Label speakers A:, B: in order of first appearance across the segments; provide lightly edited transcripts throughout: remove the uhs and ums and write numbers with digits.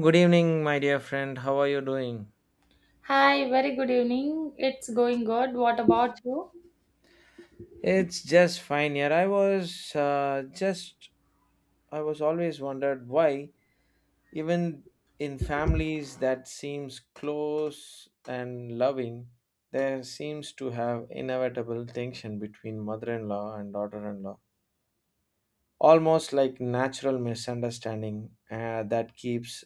A: Good evening, my dear friend. How are you doing?
B: Hi, very good evening. It's going good. What about you?
A: It's just fine here. I was I was always wondered why, even in families that seems close and loving, there seems to have inevitable tension between mother-in-law and daughter-in-law, almost like natural misunderstanding that keeps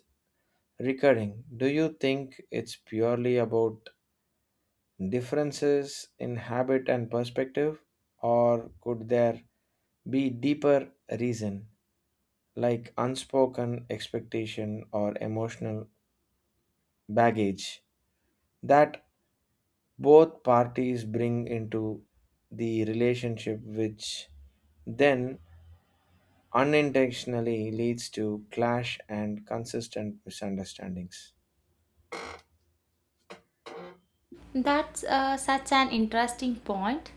A: recurring. Do you think it's purely about differences in habit and perspective, or could there be deeper reason like unspoken expectation or emotional baggage that both parties bring into the relationship, which then unintentionally leads to clash and consistent misunderstandings?
B: That's such an interesting point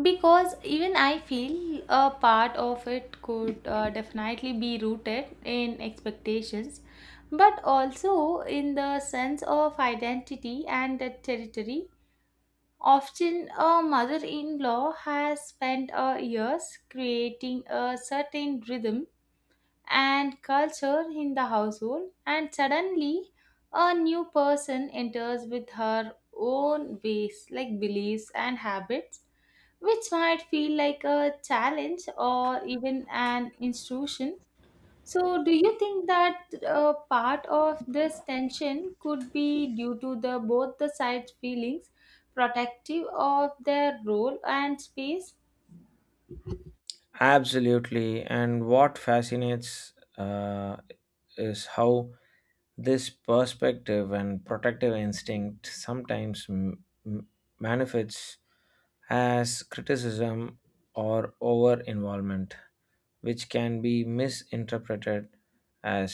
B: because even I feel a part of it could definitely be rooted in expectations, but also in the sense of identity and the territory. Often, a mother in law has spent years creating a certain rhythm and culture in the household, and suddenly a new person enters with her own ways like beliefs and habits which might feel like a challenge or even an institution. So do you think that part of this tension could be due to the both the sides feelings protective of their role and space?
A: Absolutely. And what fascinates uh, is how this perspective and protective instinct sometimes manifests as criticism or over involvement, which can be misinterpreted as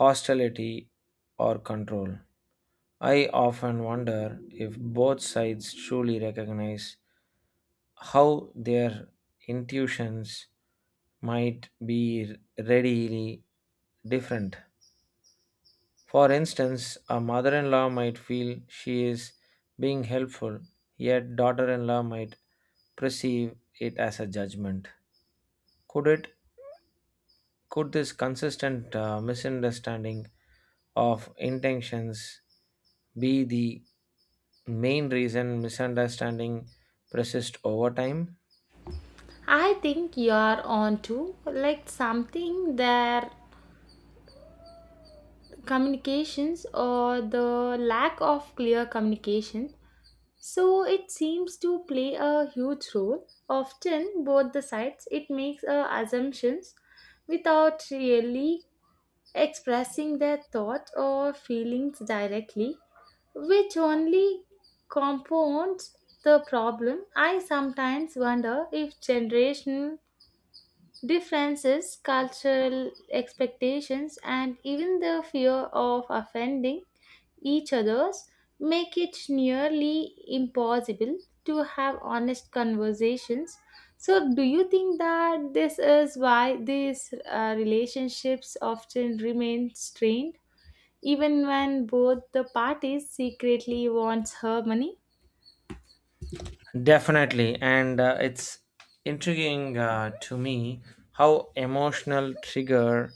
A: hostility or control. I often wonder if both sides truly recognize how their intuitions might be readily different for instance, a mother in law might feel she is being helpful, yet daughter in law might perceive it as a judgment. Could it could this consistent misunderstanding of intentions be the main reason misunderstanding persist over time?
B: I think you are on to like something there. Communications, or the lack of clear communication, so it seems to play a huge role. Often both the sides, it makes assumptions without really expressing their thoughts or feelings directly, which only compounds the problem. I sometimes wonder if generational differences, cultural expectations, and even the fear of offending each other's make it nearly impossible to have honest conversations. So, do you think that this is why these relationships often remain strained, even when both the parties secretly wants her money?
A: Definitely, and it's intriguing to me how emotional trigger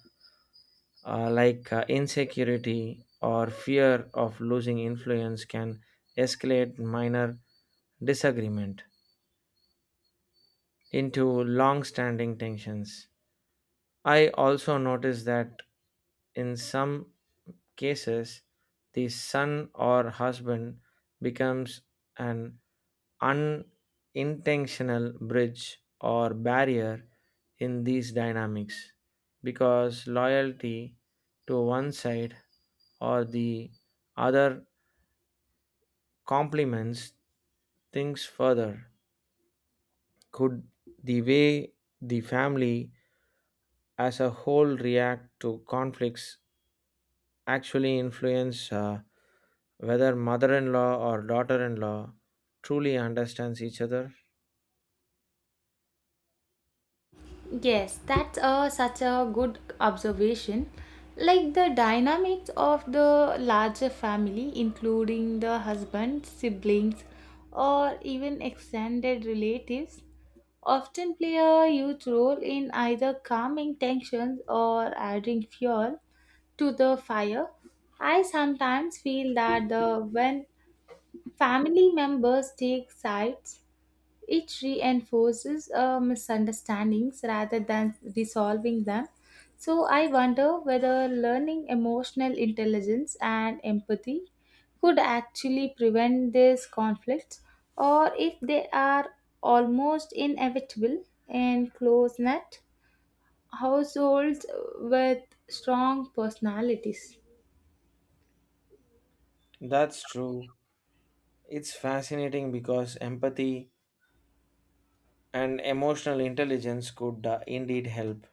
A: insecurity or fear of losing influence can escalate minor disagreement into long standing tensions. I also noticed that in some cases, the son or husband becomes an unintentional bridge or barrier in these dynamics because loyalty to one side or the other complements things further. Could the way the family as a whole react to conflicts actually influence whether mother in law or daughter in law truly understands each other?
B: Yes, that's a, such a good observation. Like the dynamics of the larger family, including the husband, siblings, or even extended relatives, often play a huge role in either calming tensions or adding fuel to the fire. I sometimes feel that the when family members take sides, it reinforces misunderstandings rather than resolving them. So, I wonder whether learning emotional intelligence and empathy could actually prevent these conflicts, or if they are almost inevitable in close knit households with strong personalities.
A: That's true. It's fascinating because empathy and emotional intelligence could indeed help.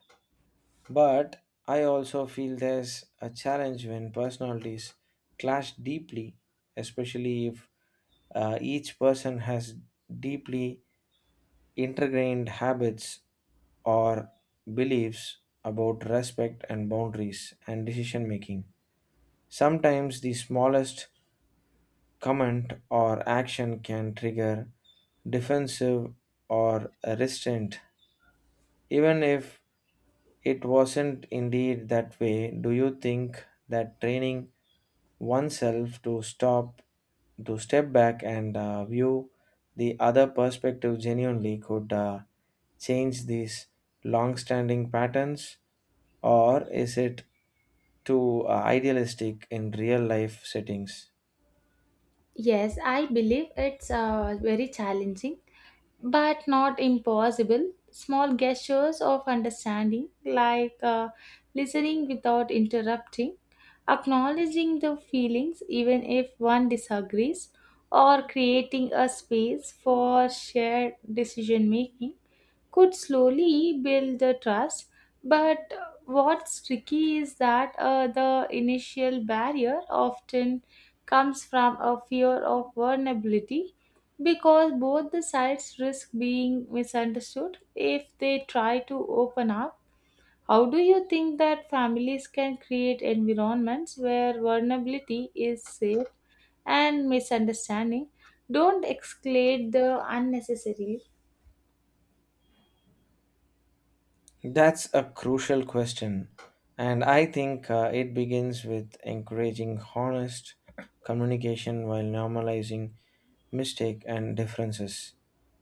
A: But I also feel there's a challenge when personalities clash deeply, especially if each person has deeply ingrained habits or beliefs about respect and boundaries and decision making. Sometimes the smallest comment or action can trigger defensive or restraint, even if it wasn't indeed that way. Do you think that training oneself to stop, to step back and view the other perspective genuinely could change these long standing patterns? Or is it too idealistic in real life settings?
B: Yes, I believe it's very challenging but not impossible. Small gestures of understanding, like listening without interrupting, acknowledging the feelings even if one disagrees, or creating a space for shared decision making, could slowly build the trust. But what's tricky is that the initial barrier often comes from a fear of vulnerability, because both the sides risk being misunderstood if they try to open up. How do you think that families can create environments where vulnerability is safe and misunderstanding don't escalate the unnecessarily?
A: That's a crucial question, and I think it begins with encouraging honest communication while normalizing mistake and differences.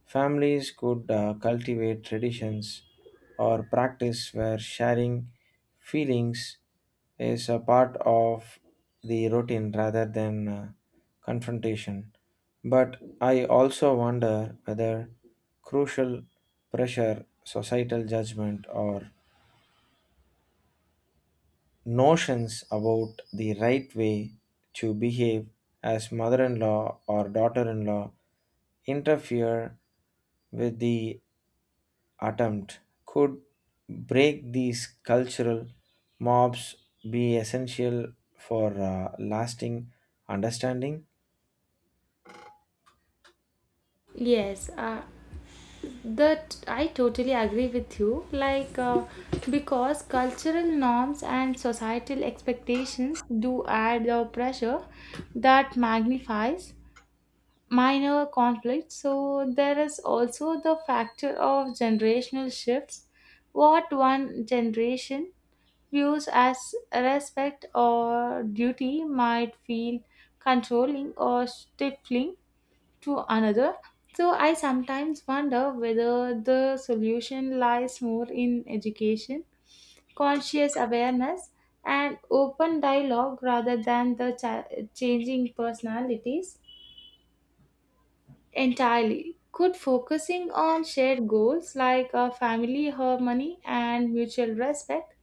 A: Families could cultivate traditions or practice where sharing feelings is a part of the routine rather than confrontation. But I also wonder whether crucial pressure, societal judgment, or notions about the right way to behave as mother in law or daughter in law interfere with the attempt could break these cultural mobs be essential for lasting understanding.
B: Yes, that I totally agree with you, like, because cultural norms and societal expectations do add the pressure that magnifies minor conflicts. So there is also the factor of generational shifts. What one generation views as respect or duty might feel controlling or stifling to another. So I sometimes wonder whether the solution lies more in education, conscious awareness, and open dialogue rather than changing personalities. Entirely. Could focusing on shared goals like a family harmony and mutual respect,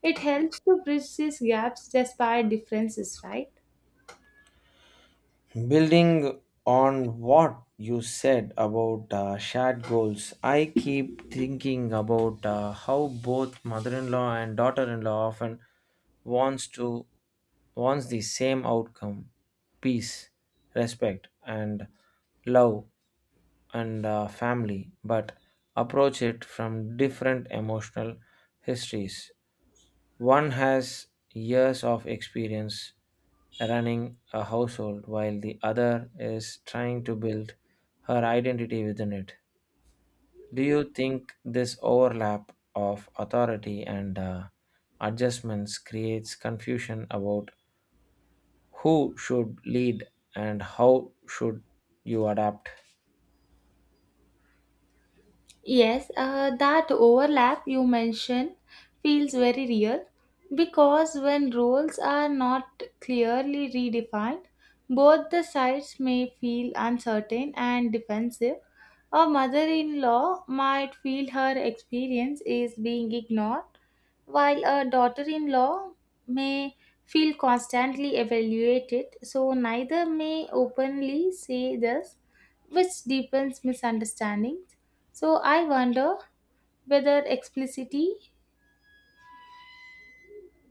B: it helps to bridge these gaps despite differences, right?
A: Building on what you said about shared goals, I keep thinking about how both mother-in-law and daughter-in-law often wants to wants the same outcome, peace, respect, and love and family, but approach it from different emotional histories. One has years of experience running a household, while the other is trying to build her identity within it. Do you think this overlap of authority and adjustments creates confusion about who should lead and how should you adapt?
B: Yes, that overlap you mentioned feels very real, because when roles are not clearly redefined, both the sides may feel uncertain and defensive. A mother in law might feel her experience is being ignored, while a daughter in law may feel constantly evaluated, so neither may openly say this, which deepens misunderstandings. So I wonder whether explicitly,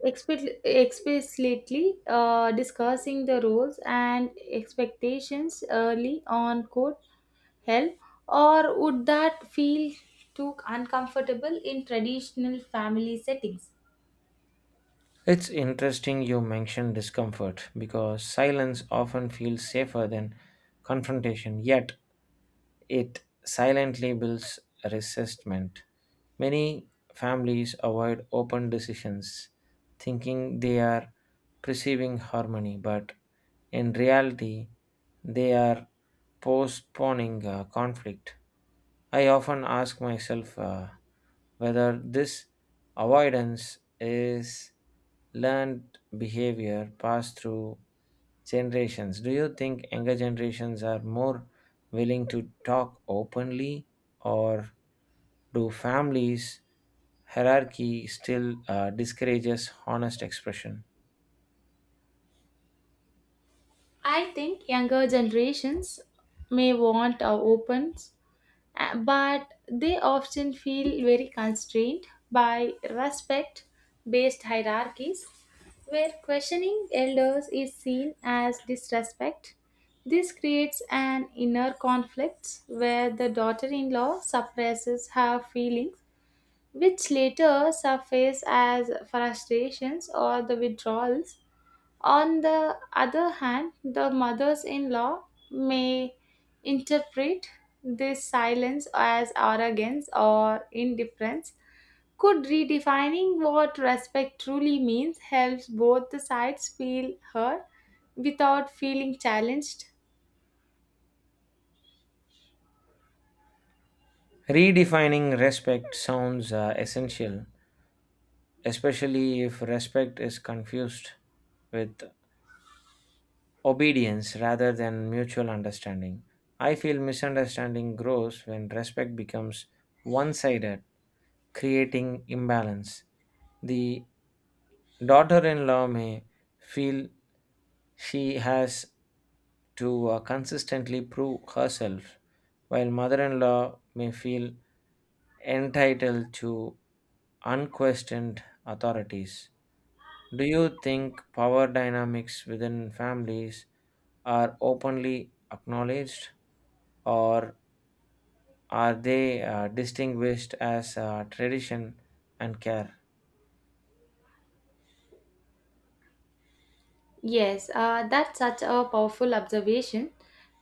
B: expli- explicitly discussing the roles and expectations early on could help, or would that feel too uncomfortable in traditional family settings?
A: It's interesting you mention discomfort because silence often feels safer than confrontation, yet it silently builds resentment. Many families avoid open decisions, thinking they are perceiving harmony, but in reality, they are postponing conflict. I often ask myself whether this avoidance is learned behavior passed through generations. Do you think younger generations are more willing to talk openly, or do families hierarchy still discourages honest expression?
B: I think younger generations may want our opens, but they often feel very constrained by respect based hierarchies where questioning elders is seen as disrespect. This creates an inner conflict where the daughter in law suppresses her feelings, which later surface as frustrations or the withdrawals. On the other hand, the mothers in law may interpret this silence as arrogance or indifference. Could redefining what respect truly means helps both the sides feel heard without feeling challenged?
A: Redefining respect sounds essential, especially if respect is confused with obedience rather than mutual understanding. I feel misunderstanding grows when respect becomes one sided, creating imbalance. The daughter in law may feel she has to consistently prove herself, while mother in law may feel entitled to unquestioned authorities. Do you think power dynamics within families are openly acknowledged or are they distinguished as tradition and care?
B: Yes, that's such a powerful observation,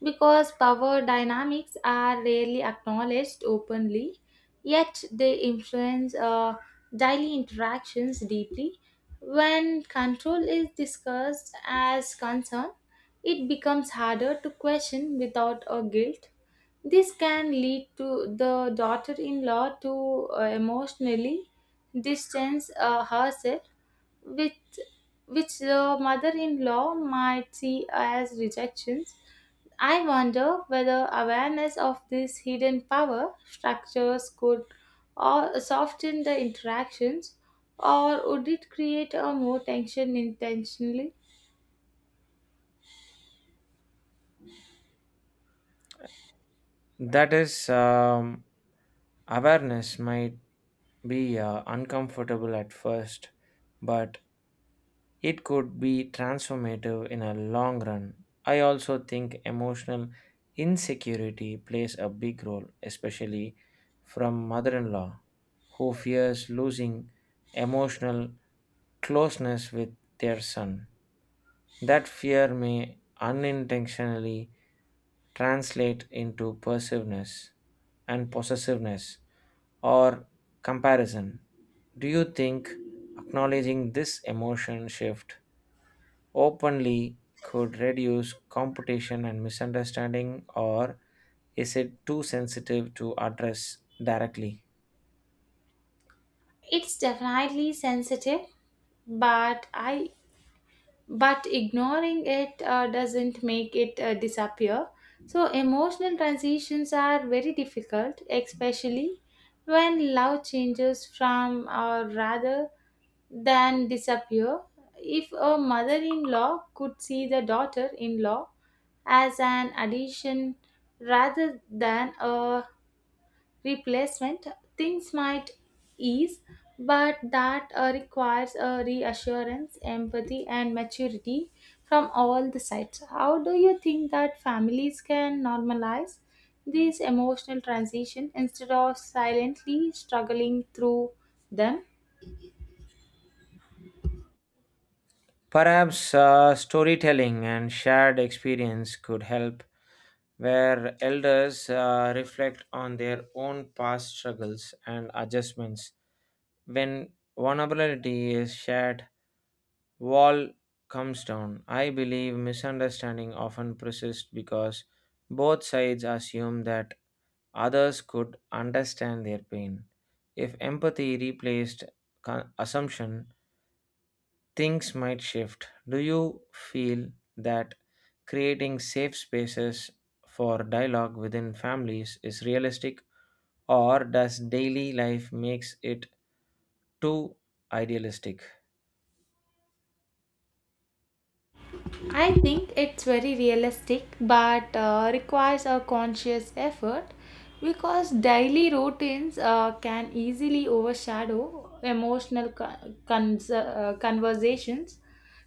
B: because power dynamics are rarely acknowledged openly, yet they influence daily interactions deeply. When control is discussed as concern, it becomes harder to question without a guilt. This can lead to the daughter in law to emotionally distance herself, which which the mother-in-law might see as rejections. I wonder whether awareness of this hidden power structures could or soften the interactions, or would it create a more tension intentionally?
A: That is, um, awareness might be uncomfortable at first, but it could be transformative in a long run. I also think emotional insecurity plays a big role, especially from mother in law, who fears losing emotional closeness with their son. That fear may unintentionally translate into persiveness and possessiveness or comparison. Do you think acknowledging this emotion shift openly could reduce competition and misunderstanding, or is it too sensitive to address directly?
B: It's definitely sensitive, but I but ignoring it doesn't make it disappear. So, emotional transitions are very difficult, especially when love changes from or rather than disappear. If a mother in law could see the daughter in law as an addition rather than a replacement, things might ease, but that requires a reassurance, empathy, and maturity from all the sides. How do you think that families can normalize this emotional transition instead of silently struggling through them?
A: Perhaps storytelling and shared experience could help, where elders reflect on their own past struggles and adjustments. When vulnerability is shared, wall comes down. I believe misunderstanding often persists because both sides assume that others could understand their pain. If empathy replaced assumption, things might shift. Do you feel that creating safe spaces for dialogue within families is realistic or does daily life makes it too idealistic?
B: I think it's very realistic but requires a conscious effort, because daily routines can easily overshadow emotional conversations.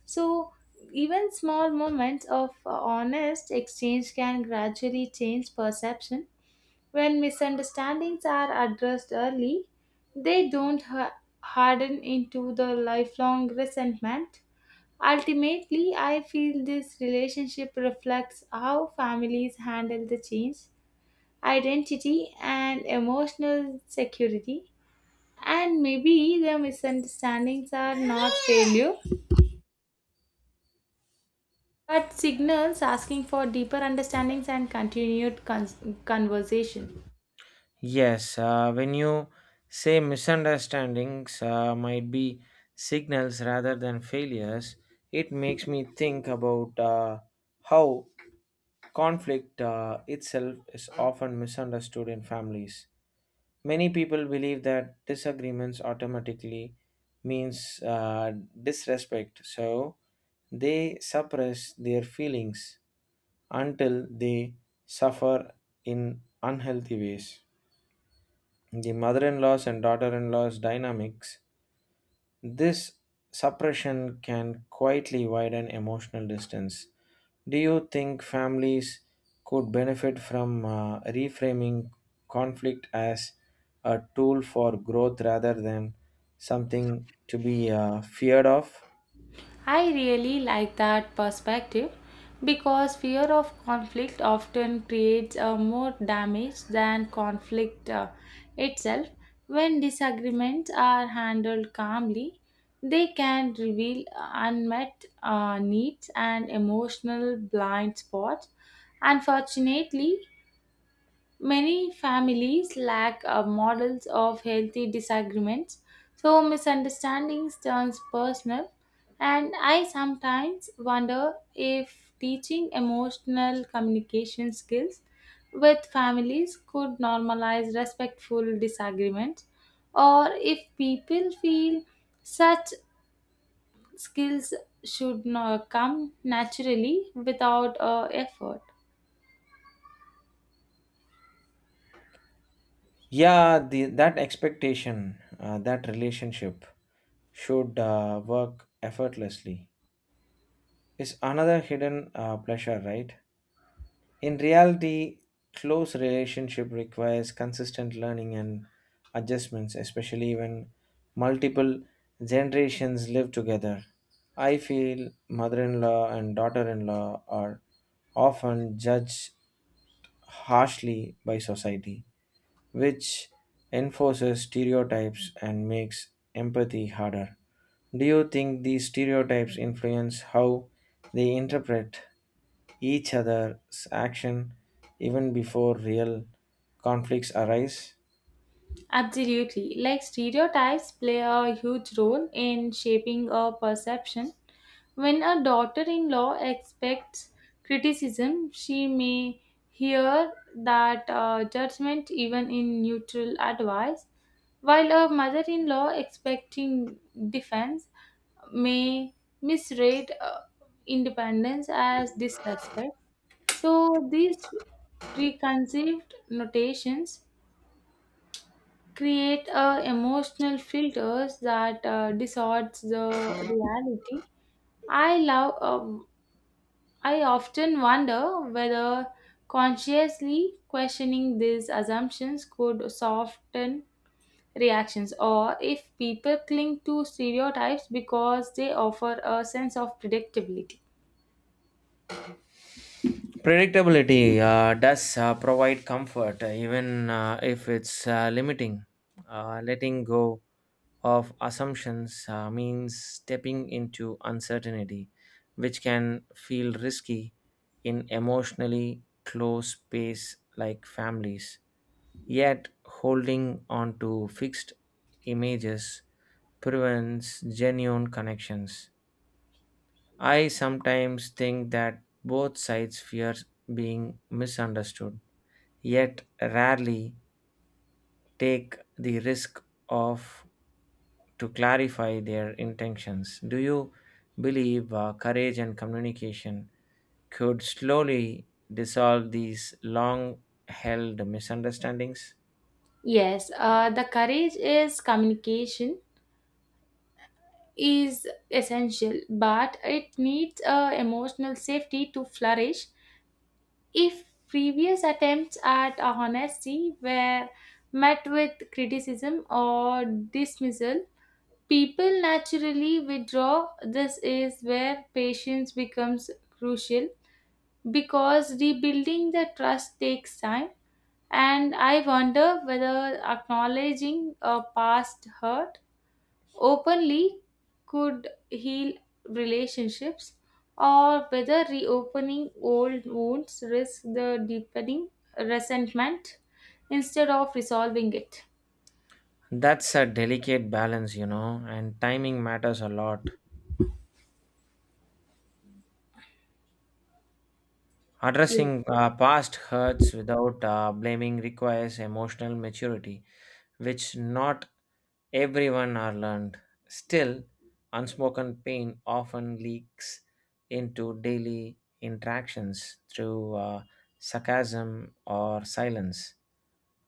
B: So, even small moments of honest exchange can gradually change perception. When misunderstandings are addressed early, they don't ha- harden into the lifelong resentment. Ultimately, I feel this relationship reflects how families handle the change, identity, and emotional security. And maybe the misunderstandings are not failure, but signals asking for deeper understandings and conversation.
A: Yes, when you say misunderstandings might be signals rather than failures, it makes me think about how conflict itself is often misunderstood in families. Many people believe that disagreements automatically means disrespect, so they suppress their feelings until they suffer in unhealthy ways the mother-in-law's and daughter-in-law's dynamics, this suppression can quietly widen emotional distance. Do you think families could benefit from reframing conflict as a tool for growth rather than something to be feared of?
B: I really like that perspective because fear of conflict often creates more damage than conflict itself. When disagreements are handled calmly, they can reveal unmet needs and emotional blind spots. Unfortunately, many families lack models of healthy disagreements, so misunderstandings turns personal. And I sometimes wonder if teaching emotional communication skills with families could normalize respectful disagreements, or if people feel such skills should not come naturally without effort.
A: Yeah, that expectation, that relationship should work effortlessly. Is another hidden pleasure, right? In reality, close relationship requires consistent learning and adjustments, especially when multiple generations live together. I feel mother-in-law and daughter-in-law are often judged harshly by society, which enforces stereotypes and makes empathy harder. Do you think these stereotypes influence how they interpret each other's action even before real conflicts arise?
B: Absolutely. Like stereotypes play a huge role in shaping a perception. When a daughter in law expects criticism, she may hear that judgment even in neutral advice, while a mother in law expecting defense may misread independence as disrespect. So, these preconceived notations create emotional filters that distorts the reality. i love um, I often wonder whether consciously questioning these assumptions could soften reactions, or if people cling to stereotypes because they offer a sense of predictability.
A: Predictability does provide comfort, even if it's limiting. Letting go of assumptions means stepping into uncertainty, which can feel risky in emotionally close space like families. Yet, holding on to fixed images prevents genuine connections. I sometimes think that both sides fear being misunderstood, yet rarely take the risk of to clarify their intentions. Do you believe courage and communication could slowly dissolve these long held misunderstandings?
B: Yes, the courage is communication is essential, but it needs emotional safety to flourish. If previous attempts at honesty were met with criticism or dismissal, people naturally withdraw. This is where patience becomes crucial because rebuilding the trust takes time. And I wonder whether acknowledging a past hurt openly could heal relationships, or whether reopening old wounds risk the deepening resentment instead of resolving it.
A: That's a delicate balance, you know, and timing matters a lot.
B: yes,
A: Addressing past hurts without blaming requires emotional maturity, which not everyone are learned. Still, unspoken pain often leaks into daily interactions through sarcasm or silence.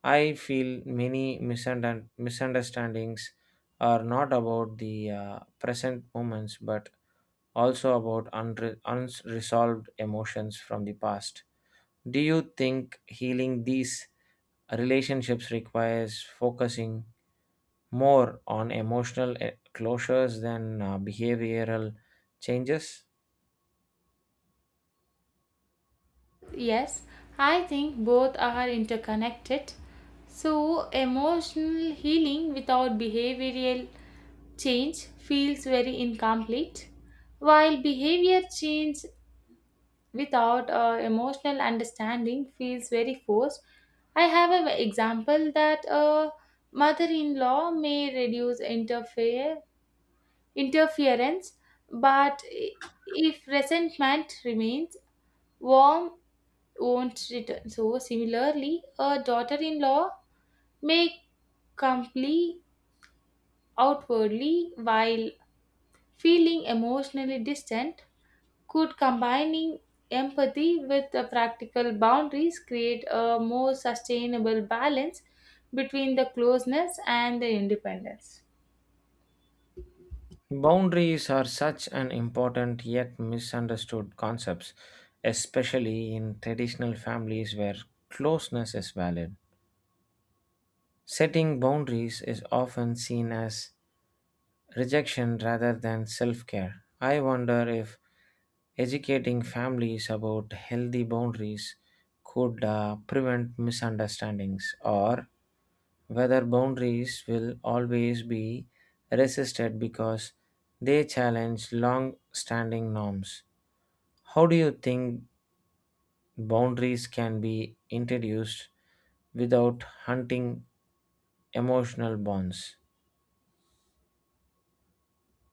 A: I feel many misunderstandings are not about the present moments but also about unresolved emotions from the past. Do you think healing these relationships requires focusing more on emotional closures than behavioral changes?
B: yes, I think both are interconnected, so emotional healing without behavioral change feels very incomplete, while behavior change without emotional understanding feels very forced. I have an example that a mother-in-law may reduce interference, but if resentment remains, warm won't return. So similarly, a daughter-in-law may comply outwardly while feeling emotionally distant. Could combining empathy with the practical boundaries create a more sustainable balance between the closeness and the independence?
A: Boundaries are such an important yet misunderstood concept, especially in traditional families where closeness is valued. Setting boundaries is often seen as rejection rather than self care. I wonder if educating families about healthy boundaries could prevent misunderstandings or whether boundaries will always be resisted because they challenge long standing norms. How do you think boundaries can be introduced without hunting emotional bonds?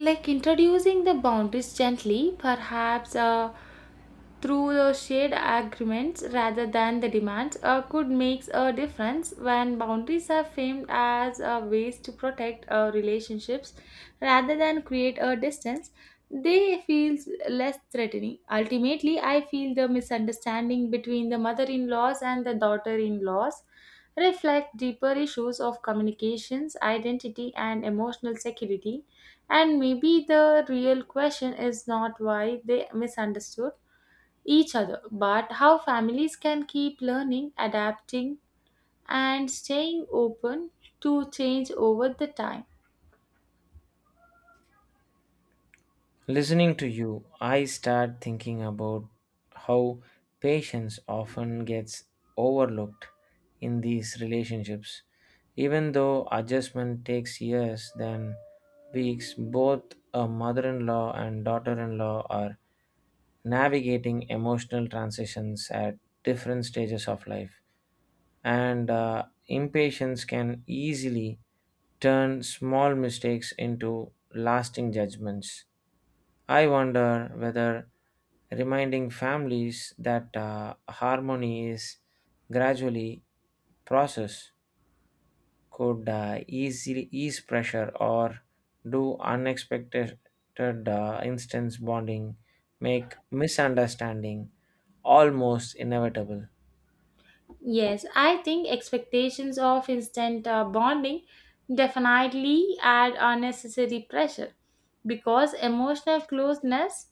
B: Like introducing the boundaries gently, perhaps through the shared agreements rather than the demands, could make a difference. When boundaries are framed as ways to protect relationships rather than create a distance, they feel less threatening. Ultimately, I feel the misunderstanding between the mother-in-laws and the daughter-in-laws reflect deeper issues of communications, identity, and emotional security. And maybe the real question is not why they misunderstood each other, but how families can keep learning, adapting, and staying open to change over the time.
A: Listening to you, I start thinking about how patience often gets overlooked in these relationships. Even though adjustment takes years than weeks, both a mother in law and daughter in law are navigating emotional transitions at different stages of life. And impatience can easily turn small mistakes into lasting judgments. I wonder whether reminding families that harmony is gradually process could easily ease pressure or do unexpected instance bonding make misunderstanding almost inevitable?
B: Yes, I think expectations of instant bonding definitely add unnecessary pressure, because emotional closeness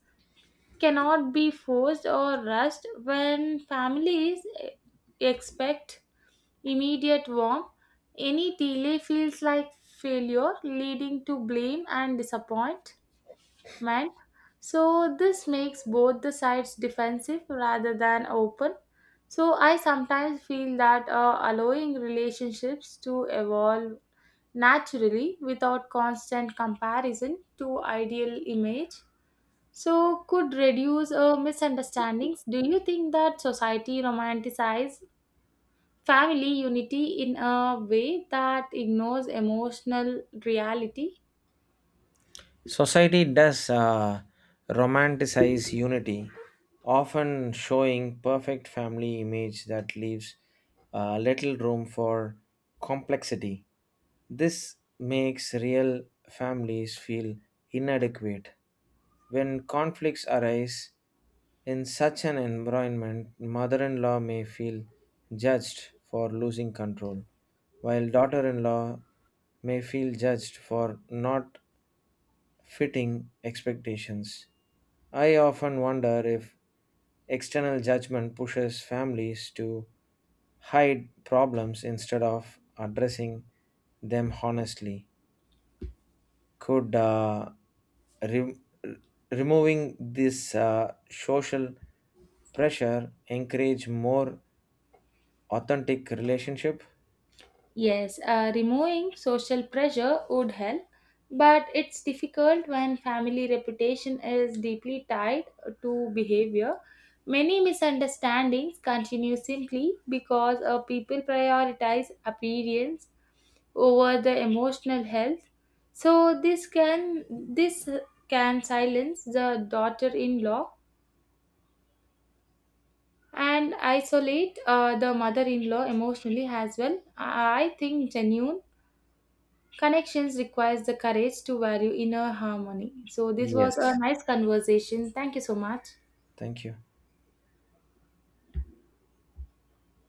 B: cannot be forced or rushed. When expect immediate warmth, any delay feels like failure, leading to blame and disappointment. So, this makes both the sides defensive rather than open. So, I sometimes feel that allowing relationships to evolve naturally without constant comparison to ideal image, so could reduce misunderstandings. Do you think that society romanticizes family unity in a way that ignores emotional reality?
A: Society does romanticize unity, often showing perfect family image that leaves little room for complexity. This makes real families feel inadequate. When conflicts arise in such an environment, mother in law may feel judged for losing control, while daughter in law may feel judged for not fitting expectations. I often wonder if external judgment pushes families to hide problems instead of addressing them honestly. Could re- removing this social pressure encourage more authentic relationship?
B: Yes, removing social pressure would help, but it's difficult when family reputation is deeply tied to behavior. Many misunderstandings continue simply because people prioritize appearance over the emotional health. So this can silence the daughter-in-law and isolate the mother-in-law emotionally as well. I think genuine connections requires the courage to value inner harmony. So this was a
A: Yes.
B: nice conversation, thank you so much.
A: Thank you.